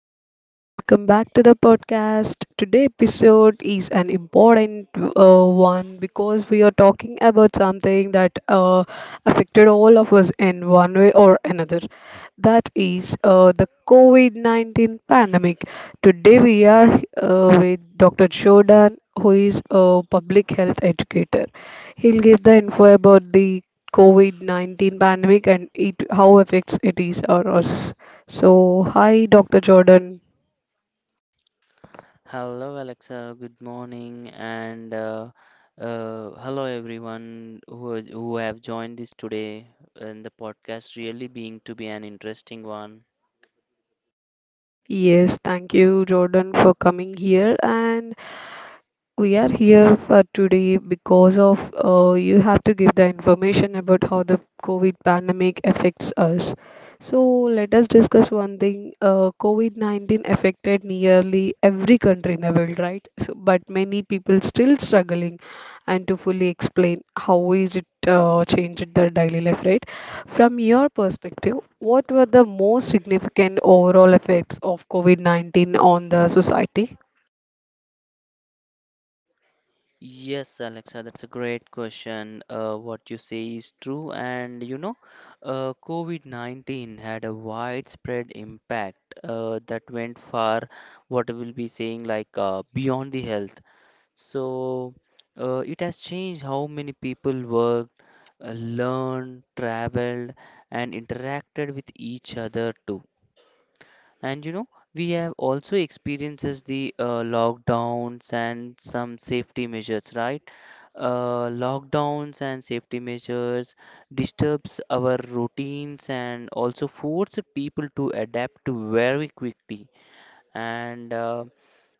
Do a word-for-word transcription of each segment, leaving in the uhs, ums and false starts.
Everyone, welcome back to the podcast. Today episode is an important uh, one, because we are talking about something that uh, affected all of us in one way or another. That is uh, the COVID nineteen pandemic. Today we are uh, with Doctor Shodan, who is a public health educator. He'll give the info about the COVID nineteen pandemic and it how affects it is or us. So, hi, Doctor Jordan. Hello, Alexa. Good morning, and uh, uh, hello everyone who is- who have joined this today. And the podcast really being to be an interesting one. Yes, thank you, Jordan, for coming here. And we are here for today because of uh, you have to give the information about how the COVID pandemic affects us. So let us discuss one thing. Uh, COVID nineteen affected nearly every country in the world, right? So, but many people still struggling, and to fully explain how is it uh, changed their daily life, right? From your perspective, what were the most significant overall effects of COVID nineteen on the society? Yes, Alexa, that's a great question. Uh, what you say is true, and you know, uh, COVID nineteen had a widespread impact uh, that went far, what we'll be saying, like uh, beyond the health. So uh, it has changed how many people worked, uh, learned, traveled, and interacted with each other too. And you know, we have also experiences the uh, lockdowns and some safety measures, right? Uh, lockdowns and safety measures disturbs our routines and also force people to adapt very quickly. And uh,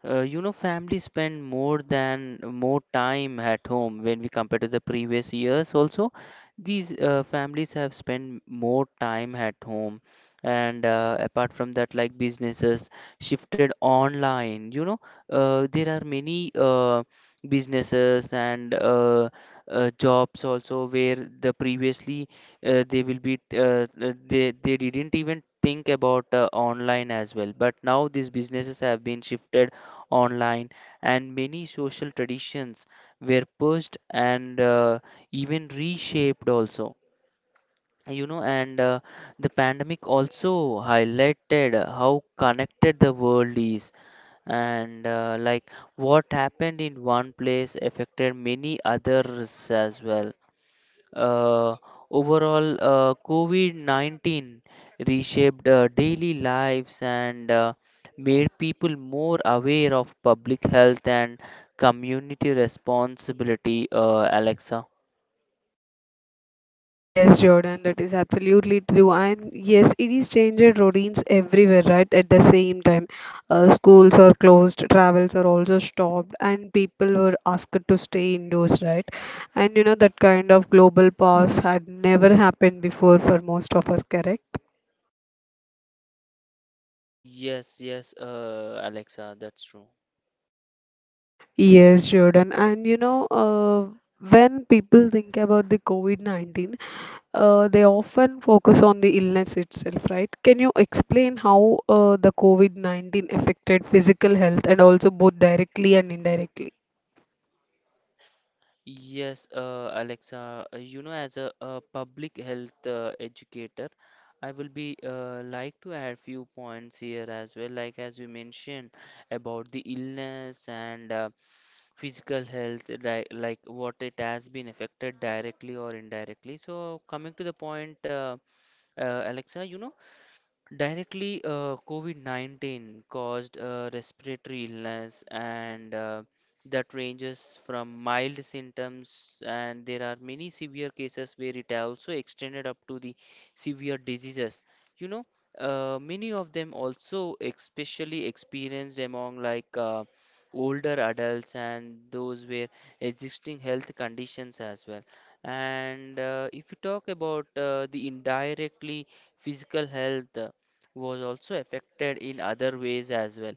uh, You know, families spend more than more time at home when we compare to the previous years. Also, these uh, families have spent more time at home, and uh, apart from that, like businesses shifted online. You know, uh, there are many uh, businesses and uh, uh, jobs also where the previously uh, they will be uh, uh, they they didn't even think about uh, online as well. But now these businesses have been shifted online, and many social traditions were pushed and uh, even reshaped also. You know and uh, the pandemic also highlighted how connected the world is, and uh, like what happened in one place affected many others as well. Uh, overall, uh, COVID nineteen reshaped uh, daily lives and uh, made people more aware of public health and community responsibility, uh, Alexa. Yes, Jordan, that is absolutely true. And yes, it is changed routines everywhere, right? At the same time, uh, schools are closed, travels are also stopped, and people were asked to stay indoors, right? And you know, that kind of global pause had never happened before for most of us, correct? Yes, yes, uh, Alexa, that's true. Yes, Jordan. And you know, uh, when people think about the COVID nineteen, uh, they often focus on the illness itself, right? Can you explain how uh, the COVID nineteen affected physical health, and also both directly and indirectly? Yes, uh, Alexa, uh, you know, as a, a public health uh, educator, I will be uh, like to add few points here as well, like as you mentioned about the illness and uh, physical health, like, like what it has been affected directly or indirectly. So coming to the point, uh, uh, Alexa, you know, directly, uh, COVID nineteen caused uh, respiratory illness, and uh, that ranges from mild symptoms, and there are many severe cases where it also extended up to the severe diseases. You know, uh, Many of them also especially experienced among like uh, older adults and those where existing health conditions as well. And uh, if you talk about uh, the indirectly physical health was also affected in other ways as well,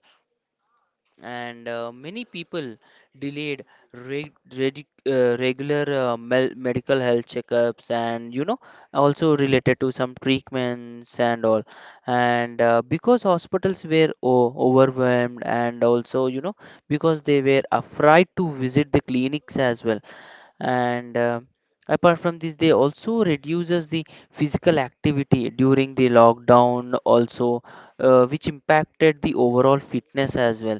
and uh, many people delayed reg- reg- uh, regular uh, mel- medical health checkups, and you know also related to some treatments and all, and uh, because hospitals were o- overwhelmed, and also you know because they were afraid to visit the clinics as well. And uh, apart from this, they also reduces the physical activity during the lockdown also, uh, which impacted the overall fitness as well.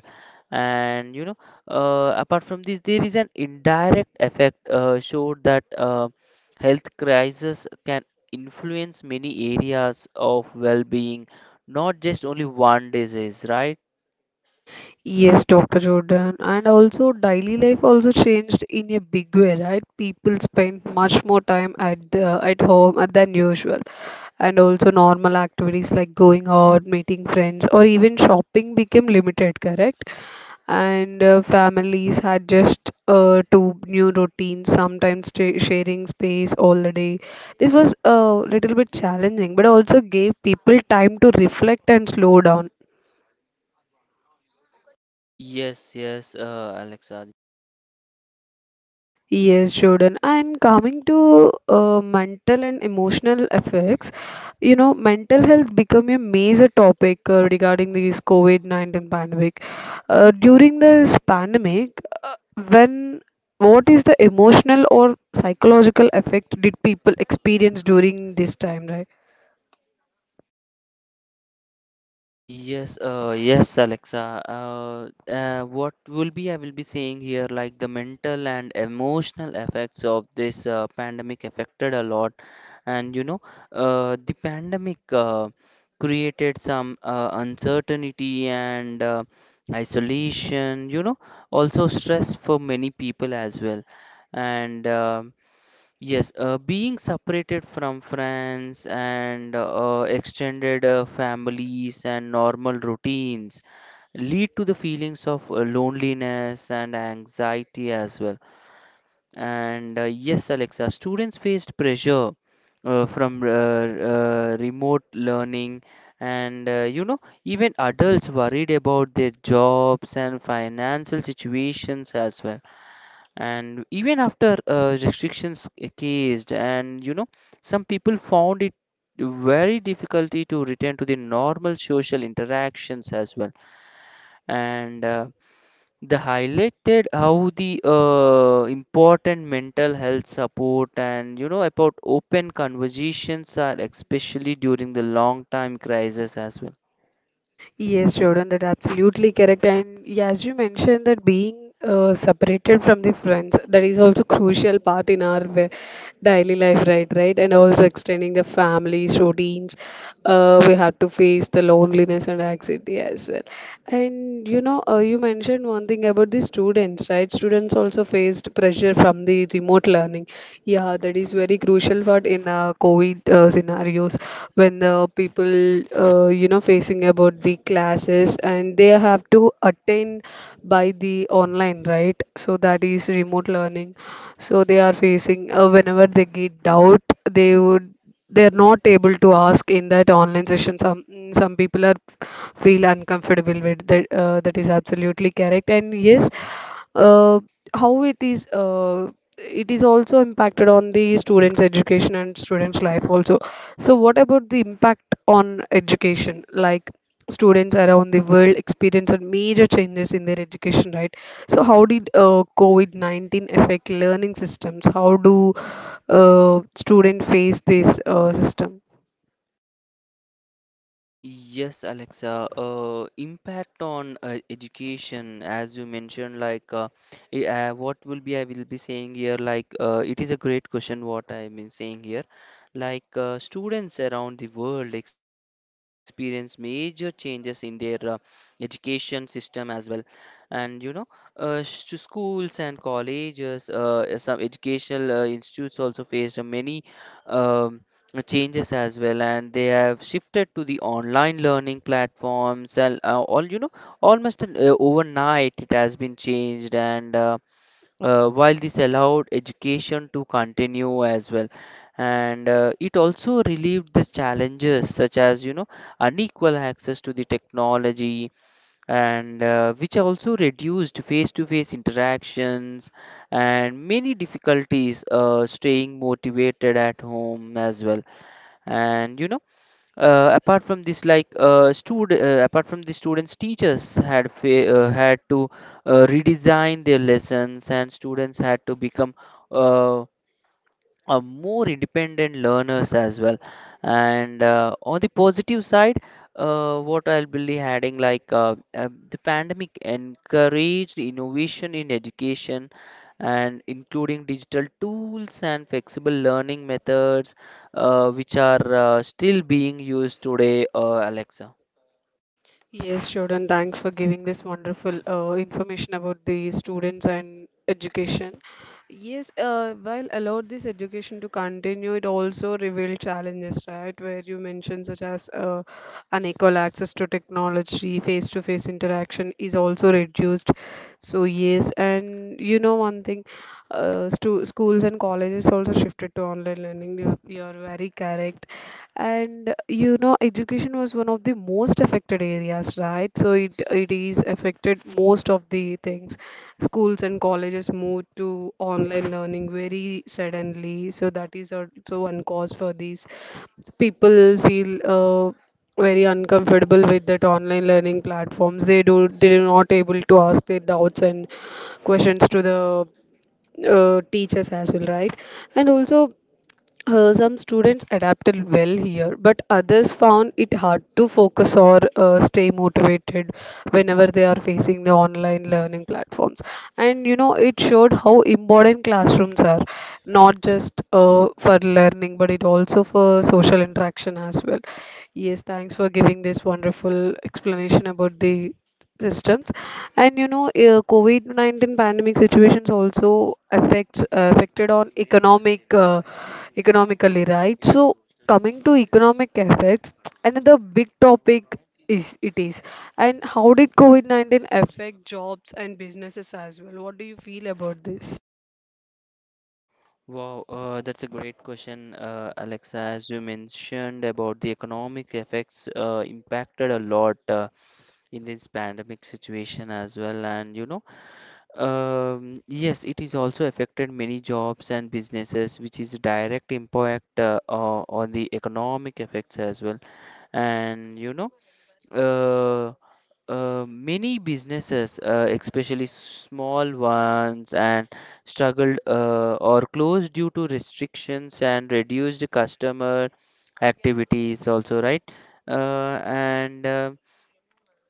And you know uh, Apart from this, there is an indirect effect uh, showed that uh, health crisis can influence many areas of well-being, not just only one disease, right? Yes, Doctor Jordan. And also, daily life also changed in a big way, right? People spend much more time at the, at home uh, than usual, and also normal activities like going out, meeting friends, or even shopping became limited, correct? And uh, families had just uh, two new routines, sometimes sta- sharing space all the day. This was a little bit challenging, but also gave people time to reflect and slow down. Yes yes uh, Alexa. Yes, Jordan. And coming to uh, mental and emotional effects, you know, mental health become a major topic uh, regarding this COVID nineteen pandemic. Uh, during this pandemic, uh, when what is the emotional or psychological effect did people experience during this time, right? Yes, uh, yes, Alexa. Uh, uh, what will be I will be saying here, like the mental and emotional effects of this uh, pandemic affected a lot, and you know, uh, the pandemic uh, created some uh, uncertainty and uh, isolation. You know, also stress for many people as well, and uh, yes, uh, being separated from friends and uh, extended uh, families and normal routines lead to the feelings of uh, loneliness and anxiety as well. And uh, yes, Alexa, students faced pressure uh, from uh, uh, remote learning, and uh, you know, even adults worried about their jobs and financial situations as well. And even after uh, restrictions eased, and you know some people found it very difficulty to return to the normal social interactions as well. And uh, they highlighted how the uh, important mental health support and you know about open conversations are, especially during the long time crisis as well. Yes, Jordan, that absolutely correct. And yeah, as you mentioned, that being uh, separated from the friends, that is also crucial part in our wa- daily life, right? Right, and also extending the families, routines. Uh, we have to face the loneliness and anxiety as well. And you know, uh, you mentioned one thing about the students, right? Students also faced pressure from the remote learning. Yeah, that is very crucial for in uh, COVID uh, scenarios when the people, uh, you know, facing about the classes and they have to attend by the online, right? So that is remote learning. So they are facing uh, whenever they get doubt, they would. They're not able to ask in that online session. Some mm, some people are feel uncomfortable with that, uh, that is absolutely correct. And yes, uh, how it is uh, it is also impacted on the students education and students life also. So what about the impact on education? Like, students around the world experience a major changes in their education, right? So how did uh, COVID nineteen affect learning systems? How do uh, students face this uh, system? Yes, Alexa. Uh, impact on uh, education, as you mentioned, like uh, I- uh, what will be I will be saying here. Like uh, it is a great question. What I am saying here, like uh, students around the world experience major changes in their uh, education system as well, and you know, uh, sh- to schools and colleges, uh, some educational uh, institutes also faced uh, many. Um, uh, Changes as well, and they have shifted to the online learning platforms and uh, all, you know, almost an, uh, overnight it has been changed. And uh, uh, while this allowed education to continue as well, and uh, it also relieved the challenges such as you know unequal access to the technology, and uh, which also reduced face-to-face interactions and many difficulties uh, staying motivated at home as well. And you know uh, apart from this like uh, stud uh, Apart from the students, teachers had fa- uh, had to uh, redesign their lessons, and students had to become uh, uh, more independent learners as well. And uh, on the positive side, uh, what i'll be adding like uh, uh, the pandemic encouraged innovation in education, and including digital tools and flexible learning methods, uh, which are uh, still being used today, uh, Alexa. Yes, Jordan, thanks for giving this wonderful uh, information about the students and education. Yes, uh, while allowed this education to continue, it also revealed challenges, right? Where you mentioned such as uh, unequal access to technology, face-to-face interaction is also reduced. So yes, and you know one thing, uh, stu schools and colleges also shifted to online learning. You, you're very correct. And you know, education was one of the most affected areas, right? So it it is affected most of the things. Schools and colleges moved to online learning very suddenly, so that is also one cause for these. People feel uh, very uncomfortable with that online learning platforms. They do they are not able to ask their doubts and questions to the uh, teachers as well, right? And also uh, some students adapted well here, but others found it hard to focus or uh, stay motivated whenever they are facing the online learning platforms. And you know, it showed how important classrooms are, not just uh, for learning, but it also for social interaction as well. Yes, thanks for giving this wonderful explanation about the systems. And you know, uh, COVID nineteen pandemic situations also affects affected on economic uh, economically, right? So coming to economic effects, another big topic is it is. And how did COVID nineteen affect jobs and businesses as well? What do you feel about this? Wow, uh, that's a great question, uh, Alexa. As you mentioned about the economic effects, uh, impacted a lot. Uh, in this pandemic situation as well. And you know um, yes, it is also affected many jobs and businesses, which is direct impact uh, o- on the economic effects as well. And you know uh, uh, many businesses, uh, especially small ones, and struggled uh, or closed due to restrictions and reduced customer activities also, right? Uh, and uh,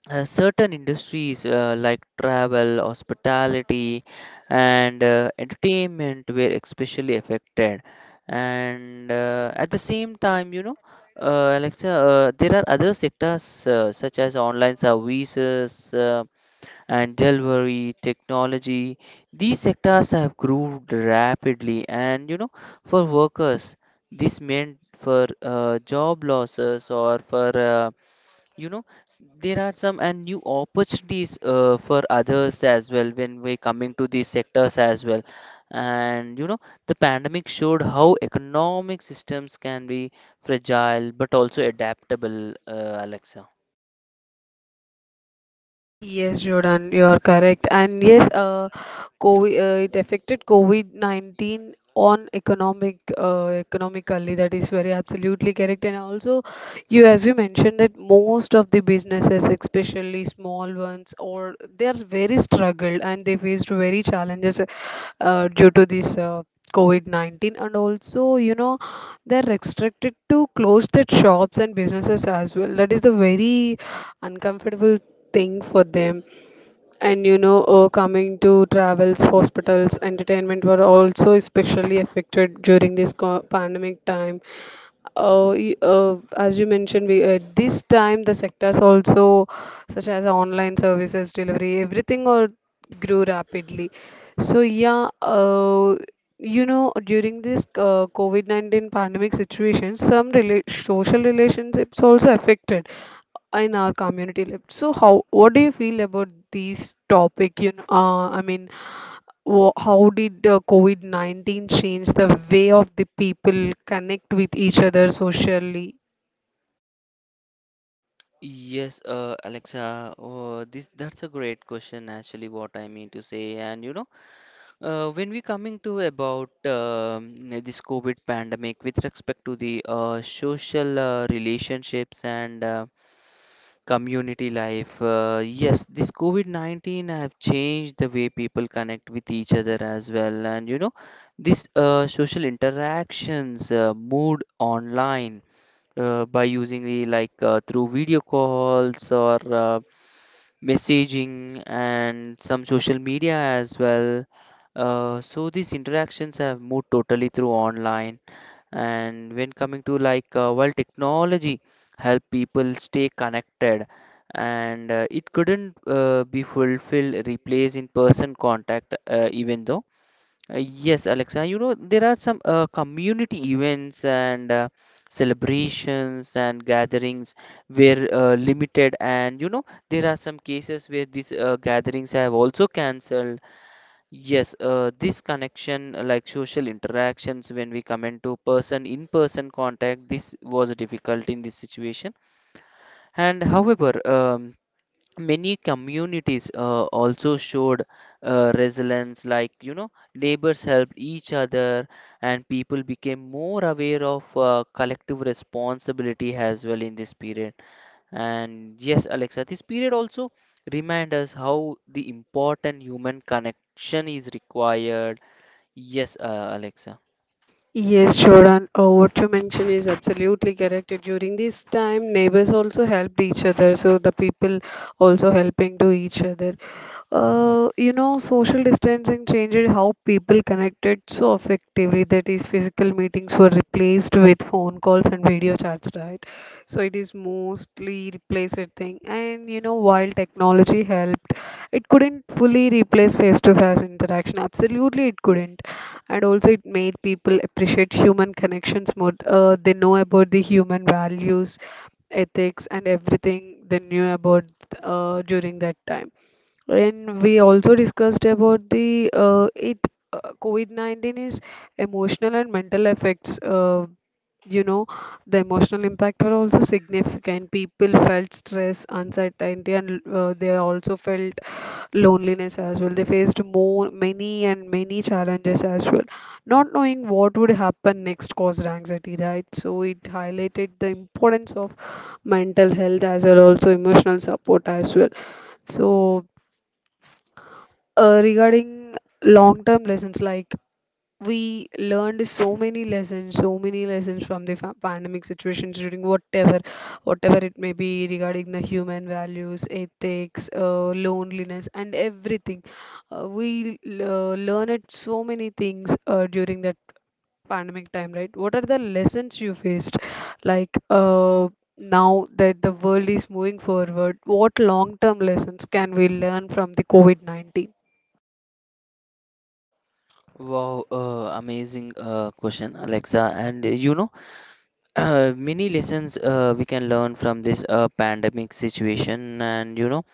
uh, Certain industries uh, like travel, hospitality, and uh, entertainment were especially affected. And uh, at the same time, you know, uh, Alexa, uh, there are other sectors uh, such as online services uh, and delivery technology. These sectors have grown rapidly, and you know, for workers, this meant for uh, job losses or for uh, you know s- there are some and new opportunities uh, for others as well when we coming to these sectors as well. And you know The pandemic showed how economic systems can be fragile but also adaptable, uh, Alexa. Yes, Jordan, you're correct. And yes, uh, COVID, uh, it affected COVID nineteen on economic uh, economically. That is very absolutely correct. And also, you as you mentioned that most of the businesses, especially small ones, or they are very struggled, and they faced very challenges uh, due to this uh, COVID nineteen. And also, you know, they're restricted to close their shops and businesses as well. That is the very uncomfortable thing for them. And you know, uh, coming to travels, hospitals, entertainment were also especially affected during this co- pandemic time. Uh, y- uh, as you mentioned, we at this time the sectors also, such as online services delivery, everything uh, grew rapidly. So yeah, uh, you know, during this uh, COVID nineteen pandemic situation, some rela social relationships also affected in our community life. So how, what do you feel about these topic? You know, uh, I mean, Wha- how did uh, COVID nineteen change the way of the people connect with each other socially? Yes, uh, Alexa, uh, this that's a great question, actually, what I mean to say. And you know uh, When we coming to about um, this COVID pandemic with respect to the uh, social uh, relationships and uh, community life. Uh, yes, this COVID nineteen have changed the way people connect with each other as well. And you know, this uh, social interactions uh, moved online uh, by using the like uh, through video calls or uh, messaging and some social media as well. Uh, so these interactions have moved totally through online. And when coming to like uh, while technology help people stay connected, and uh, it couldn't uh, be fulfilled replace in-person contact, uh, even though uh, yes, Alexa, you know there are some uh, community events and uh, celebrations and gatherings where uh, limited, and you know there are some cases where these uh, gatherings have also cancelled. Yes, uh, this connection, uh, like social interactions, when we come into person in person contact, this was difficult in this situation. And however, um, many communities uh, also showed uh, resilience, like you know, neighbors helped each other, and people became more aware of uh, collective responsibility as well in this period. And yes, Alexa, this period also remind us how the important human connection is required. Yes, uh, Alexa. Yes, Jordan, uh, what you mentioned is absolutely correct. During this time, neighbors also helped each other, so the people also helping to each other. Uh, you know, social distancing changed how people connected so effectively, that is physical meetings were replaced with phone calls and video chats, right? So it is mostly replaced thing. And you know, while technology helped, it couldn't fully replace face-to-face interaction. Absolutely, it couldn't. And also, it made people appreciate human connections more. Uh, they know about the human values, ethics, and everything they knew about uh, during that time. And we also discussed about the uh, it uh, COVID nineteen is emotional and mental effects. Uh, you know, the emotional impact were also significant. People felt stress, uncertainty, and uh, they also felt loneliness as well. They faced more many and many challenges as well. Not knowing what would happen next caused anxiety, right? So it highlighted the importance of mental health as well, also emotional support as well. So uh, regarding long-term lessons, like, we learned so many lessons, so many lessons from the fa- pandemic situations during whatever, whatever it may be, regarding the human values, ethics, uh, loneliness, and everything. Uh, we l- uh, learned so many things uh, during that pandemic time, right? What are the lessons you faced, like? Uh, now that the world is moving forward, what long term lessons can we learn from the COVID nineteen? Wow, uh, amazing uh, question, Alexa. And uh, you know, uh, many lessons uh, we can learn from this uh, pandemic situation. And you know,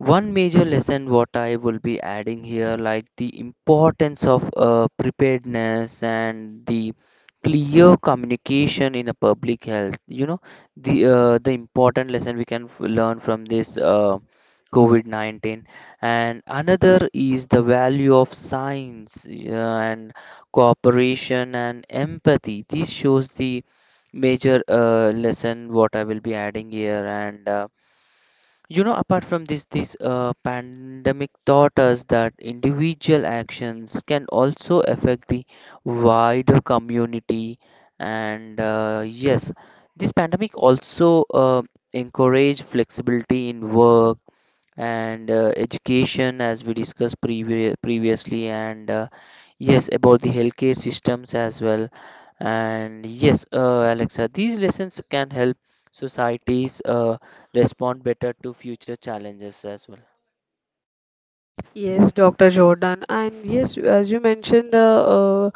one major lesson what I will be adding here, like the importance of uh, preparedness and the clear communication in a public health. You know, the uh, the important lesson we can f- learn from this uh, COVID nineteen. And another is the value of science uh, and cooperation and empathy. This shows the major uh, lesson what I will be adding here and. Uh, you know, apart from this, this uh, pandemic taught us that individual actions can also affect the wider community. And uh, yes, this pandemic also uh, encouraged flexibility in work and uh, education, as we discussed previ- previously. And uh, yes, about the healthcare systems as well. And yes, uh, Alexa, these lessons can help societies uh, respond better to future challenges as well. Yes, Doctor Jordan. And yes, as you mentioned, the uh,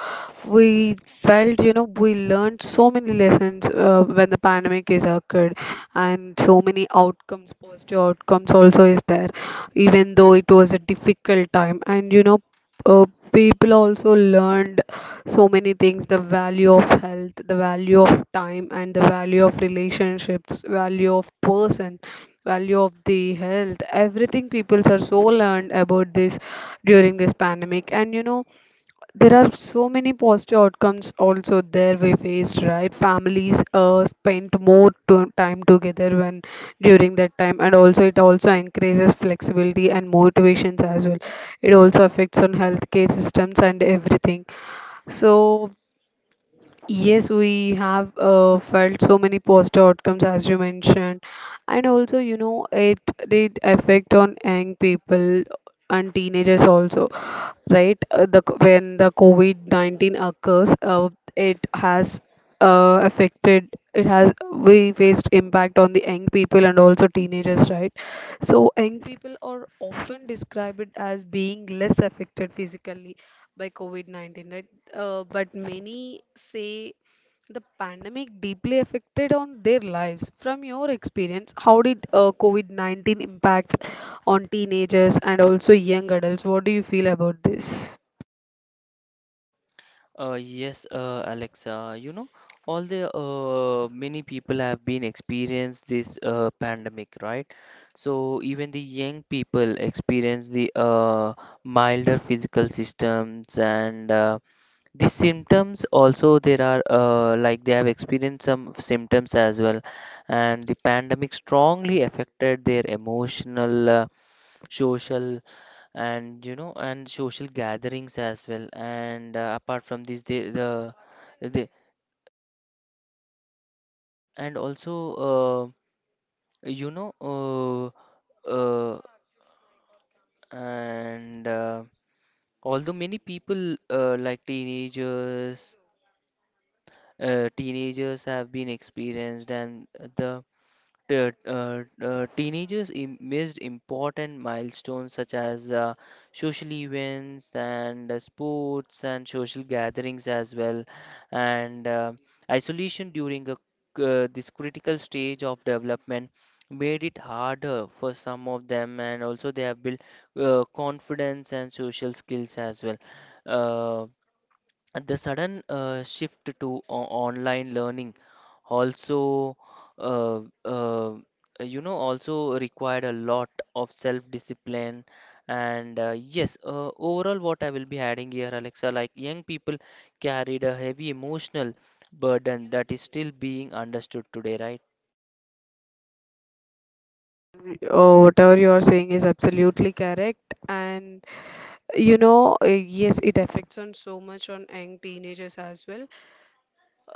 we felt, you know, we learned so many lessons uh, when the pandemic is occurred, and so many outcomes, positive outcomes also is there, even though it was a difficult time. And you know, uh, people also learned so many things: the value of health, the value of time, and the value of relationships, value of person, value of the health. Everything peoples are so learned about this during this pandemic. And you know, there are so many positive outcomes also there we faced, right? Families uh, spent more to time together when during that time, and also it also increases flexibility and motivations as well. It also affects on healthcare systems and everything. So yes, we have uh, felt so many positive outcomes, as you mentioned. And also, you know, it did affect on young people and teenagers also, right? Uh, the co- when the COVID nineteen occurs, uh, it has uh, affected. It has we faced impact on the young people and also teenagers, right? So young people are often described as being less affected physically by COVID nineteen, right? Uh, but many say the pandemic deeply affected on their lives. From your experience, how did uh, COVID nineteen impact on teenagers and also young adults? What do you feel about this? Uh, yes, uh, Alexa, you know, all the uh, many people have been experienced this uh, pandemic, right? So even the young people experience the uh, milder physical systems and uh, the symptoms also there are uh, like they have experienced some symptoms as well, and the pandemic strongly affected their emotional, uh, social, and you know, and social gatherings as well. And uh, apart from this, they the they and also uh, you know uh, uh, and uh, although many people, uh, like teenagers, uh, teenagers have been experienced and the T- uh, uh, teenagers im- missed important milestones such as uh, social events and uh, sports and social gatherings as well, and uh, isolation during a, uh, this critical stage of development made it harder for some of them, and also they have built uh, confidence and social skills as well. Uh, the sudden uh, shift to o- online learning also uh, uh, you know also required a lot of self discipline and uh, yes, uh, overall, what I will be adding here, Alexa, like young people carried a heavy emotional burden that is still being understood today, right? Jordan, oh, whatever you are saying is absolutely correct. And you know, uh, yes, it affects on so much on young teenagers as well.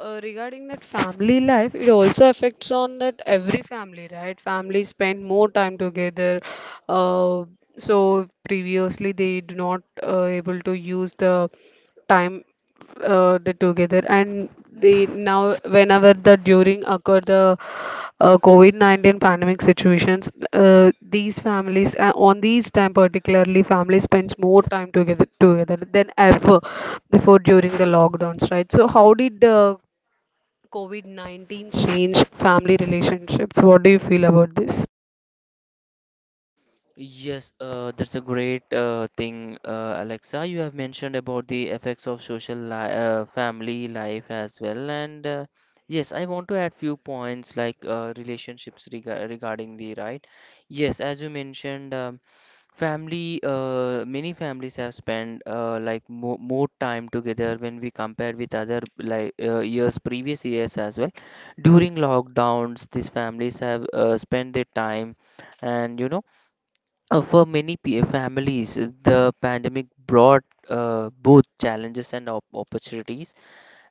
Uh, regarding that family life, it also affects on that every family, right? Families spend more time together. Uh, so previously they do not uh, able to use the time uh, they together, and they now whenever the during occur the uh, COVID nineteen pandemic situations, uh, these families uh, on these time particularly family spends more time together together than ever before during the lockdowns, right? So how did uh, COVID nineteen change family relationships? What do you feel about this? Yes, uh, that's a great uh, thing, uh, Alexa. You have mentioned about the effects of social li uh, family life as well, and uh, yes, I want to add few points like uh, relationships rega regarding, the right. Yes, as you mentioned, um, family, uh, many families have spent, uh, like mo more time together when we compare with other, like, uh, years, previous years as well. During lockdowns, these families have uh, spent their time, and you know, uh, for many p- families, the pandemic brought uh, both challenges and op opportunities,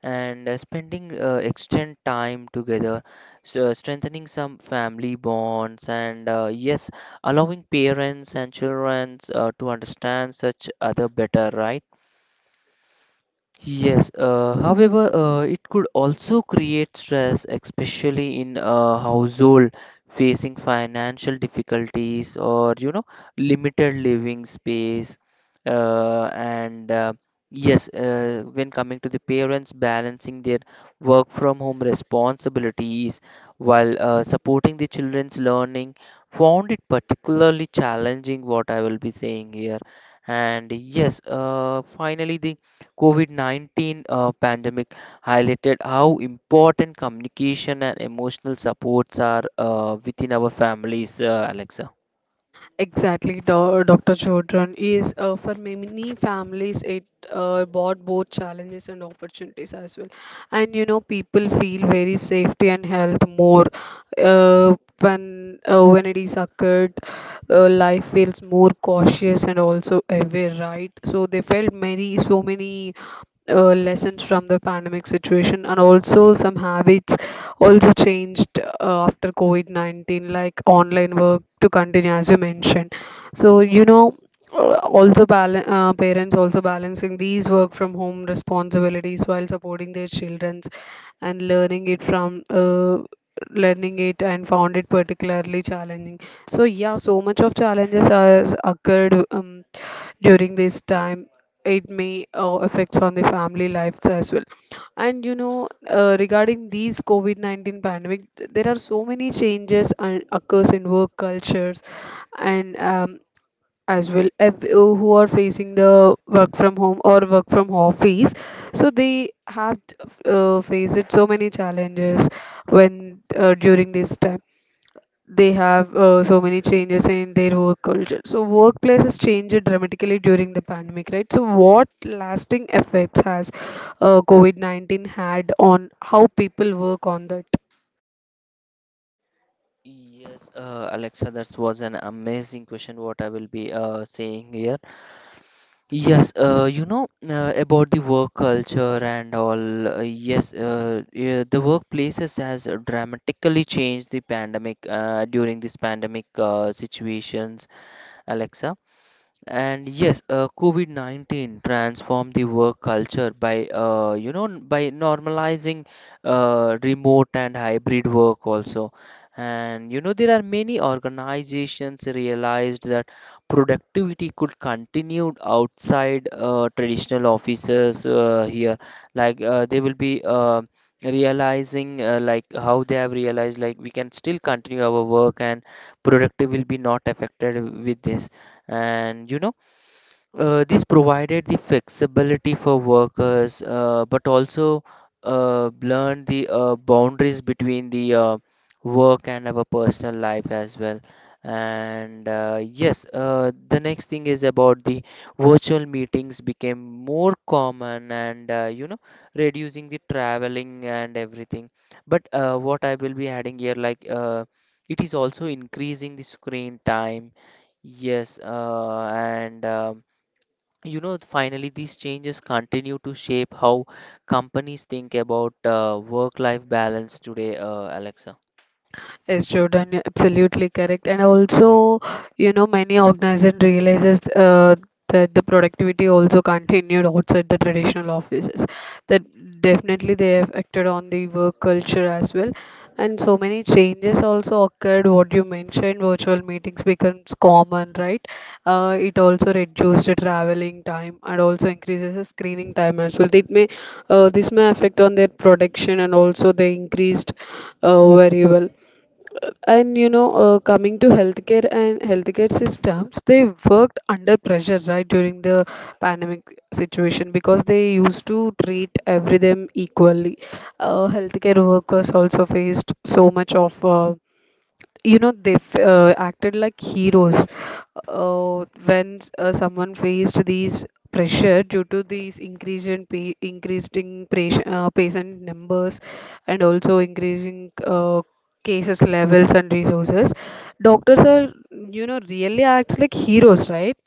and uh, spending uh, extended time together, so strengthening some family bonds, and uh, yes, allowing parents and children uh, to understand such other better, right? Yes, uh, however, uh, it could also create stress, especially in a household facing financial difficulties or, you know, limited living space. Uh, and uh, Yes, uh, when coming to the parents balancing their work from home responsibilities while uh, supporting the children's learning, found it particularly challenging, what I will be saying here. And yes, uh, finally, the COVID nineteen uh, pandemic highlighted how important communication and emotional supports are uh, within our families, uh, Alexa. Exactly, Do- doctor Chodron is, uh, for many families it uh, brought both challenges and opportunities as well. And you know, people feel very safety and health more uh, when uh, when it is occurred. Uh, life feels more cautious and also aware, right? So they felt many, so many uh, lessons from the pandemic situation, and also some habits also changed uh, after COVID nineteen, like online work to continue as you mentioned. So you know uh, also bal uh, parents also balancing these work from home responsibilities while supporting their children's and learning it from uh, learning, it and found it particularly challenging. So yeah, so much of challenges has occurred um, during this time. It may uh, affects on the family lives as well. And you know, uh, regarding these COVID nineteen pandemic, th- there are so many changes and occurs in work cultures and um, as well. Ev- uh, who are facing the work from home or work from office, so they have uh, faced so many challenges when uh, during this time. They have uh, so many changes in their work culture. So workplaces changed dramatically during the pandemic, right? So what lasting effects has uh, COVID nineteen had on how people work on that? Yes, uh, Alexa, that was an amazing question. What I will be uh, saying here. Yes, uh, you know, uh, about the work culture and all. Uh, yes, uh, yeah, the workplaces has uh, dramatically changed the pandemic uh, during this pandemic uh, situations, Alexa. And yes, uh, COVID nineteen transformed the work culture by, uh, you know, n- by normalizing uh, remote and hybrid work also. And, you know, there are many organizations realized that productivity could continue outside uh, traditional offices uh, here. Like uh, they will be uh, realizing uh, like how they have realized, like, we can still continue our work and productive will be not affected with this. And you know, uh, this provided the flexibility for workers, uh, but also uh, learned the uh, boundaries between the uh, work and our personal life as well. And uh, yes, uh, the next thing is about the virtual meetings became more common, and uh, you know, reducing the traveling and everything. But uh, what I will be adding here, like, uh, it is also increasing the screen time. Yes, uh, and um, you know, finally, these changes continue to shape how companies think about uh, work life balance today, uh, Alexa. Yes, Jordan, you're absolutely correct. And also, you know, many organization realizes uh, that the productivity also continued outside the traditional offices. That definitely they have acted on the work culture as well. And so many changes also occurred. What you mentioned, virtual meetings becomes common, right? Uh, it also reduces the traveling time and also increases the screening time as well. It may, uh, this may affect on their production and also the increased uh, very well. And you know, uh, coming to healthcare and healthcare systems, they worked under pressure, right, during the pandemic situation, because they used to treat every them equally. Uh, healthcare workers also faced so much of, uh, you know, they f- uh, acted like heroes uh, when s- uh, someone faced these pressure due to these increase in pa- increasing patient, uh, patient numbers, and also increasing uh, cases levels and resources. Doctors are, you know, really acts like heroes, right?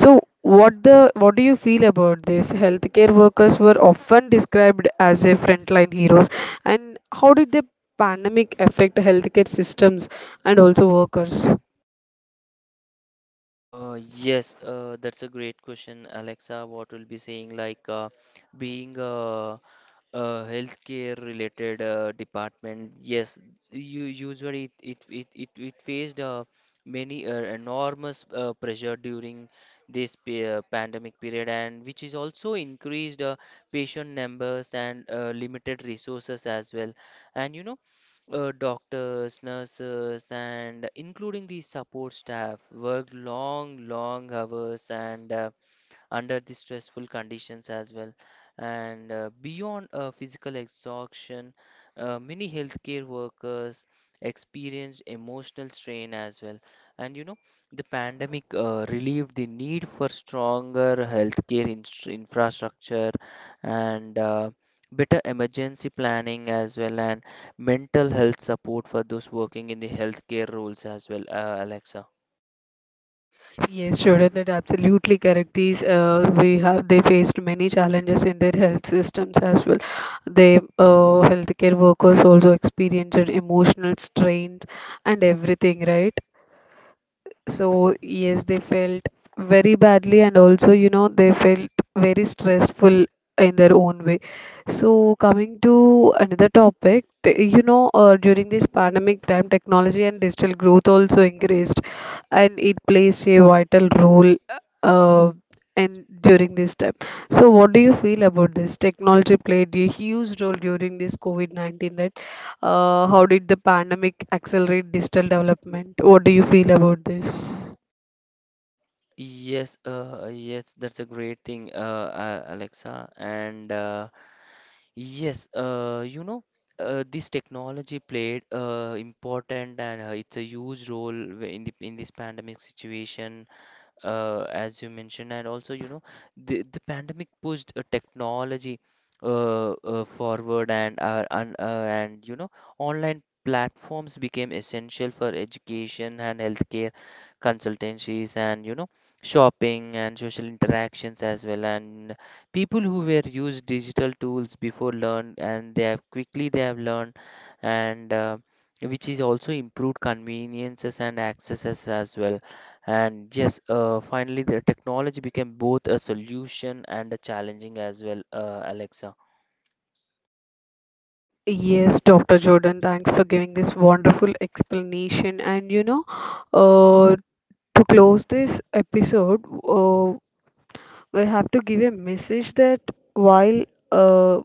So what the what do you feel about this? Healthcare workers were often described as a frontline heroes, and how did the pandemic affect healthcare systems and also workers? Uh, yes, uh, that's a great question, Alexa. What will be saying like, uh, being a, a healthcare related uh, department? Yes, you usually it it it, it, it faced, uh, many uh, enormous uh, pressure during this pe uh, pandemic period, and which is also increased uh, patient numbers and uh, limited resources as well. And you know, uh, doctors, nurses, and including the support staff worked long, long hours, and uh, under the stressful conditions as well. And uh, beyond uh, physical exhaustion, uh, many healthcare workers experienced emotional strain as well. And you know, the pandemic uh, relieved the need for stronger healthcare inst- infrastructure and uh, better emergency planning as well, and mental health support for those working in the healthcare roles as well, uh, Alexa. Yes, sure, that that absolutely correct. These, uh, we have, they faced many challenges in their health systems as well. They, uh, healthcare workers, also experienced emotional strains and everything, right? So, yes, they felt very badly, and also, you know, they felt very stressful in their own way. So, coming to another topic, t- you know, uh, during this pandemic time, technology and digital growth also increased, and it plays a vital role uh, in during this time. So, what do you feel about this? Technology played a huge role during this COVID nineteen, right? Uh, how did the pandemic accelerate digital development? What do you feel about this? Yes, uh, yes, that's a great thing, uh, uh, Alexa. And uh, yes, uh, you know, uh, this technology played, uh, important, and uh, it's a huge role w- in the in this pandemic situation, uh, as you mentioned, and also, you know, the, the pandemic pushed uh, technology uh, uh, forward, and uh, and, uh, and you know, online platforms became essential for education and healthcare consultancies, and you know, shopping and social interactions as well. And people who were used digital tools before learned, and they have quickly they have learned, and uh, which is also improved conveniences and accesses as well. And yes, uh, finally, the technology became both a solution and a challenging as well, uh, Alexa. Yes, doctor Jordan, thanks for giving this wonderful explanation. And you know, uh, to close this episode, uh, we have to give a message that while uh,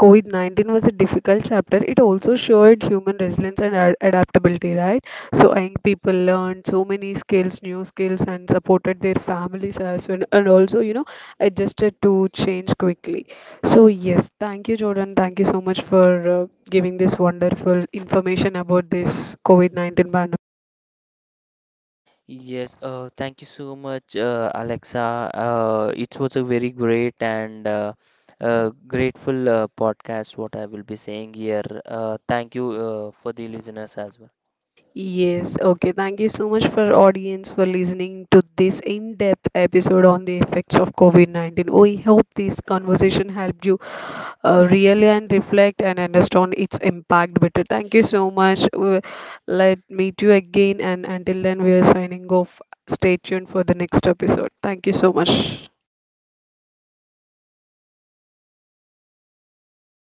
COVID nineteen was a difficult chapter, it also showed human resilience and ad- adaptability, right? So, young people learned so many skills, new skills, and supported their families as well, and also, you know, adjusted to change quickly. So, yes, thank you, Jordan. Thank you so much for uh, giving this wonderful information about this COVID nineteen pandemic. Yes, uh, thank you so much, uh, Alexa. Uh, it was a very great and uh, uh, grateful uh, podcast, what I will be saying here. Uh, thank you uh, for the listeners as well. Yes, okay. Thank you so much for audience for listening to this in-depth episode on the effects of COVID nineteen. We hope this conversation helped you uh, really and reflect and understand its impact better. Thank you so much. We- Let meet you again, and until then, we are signing off. Stay tuned for the next episode. Thank you so much.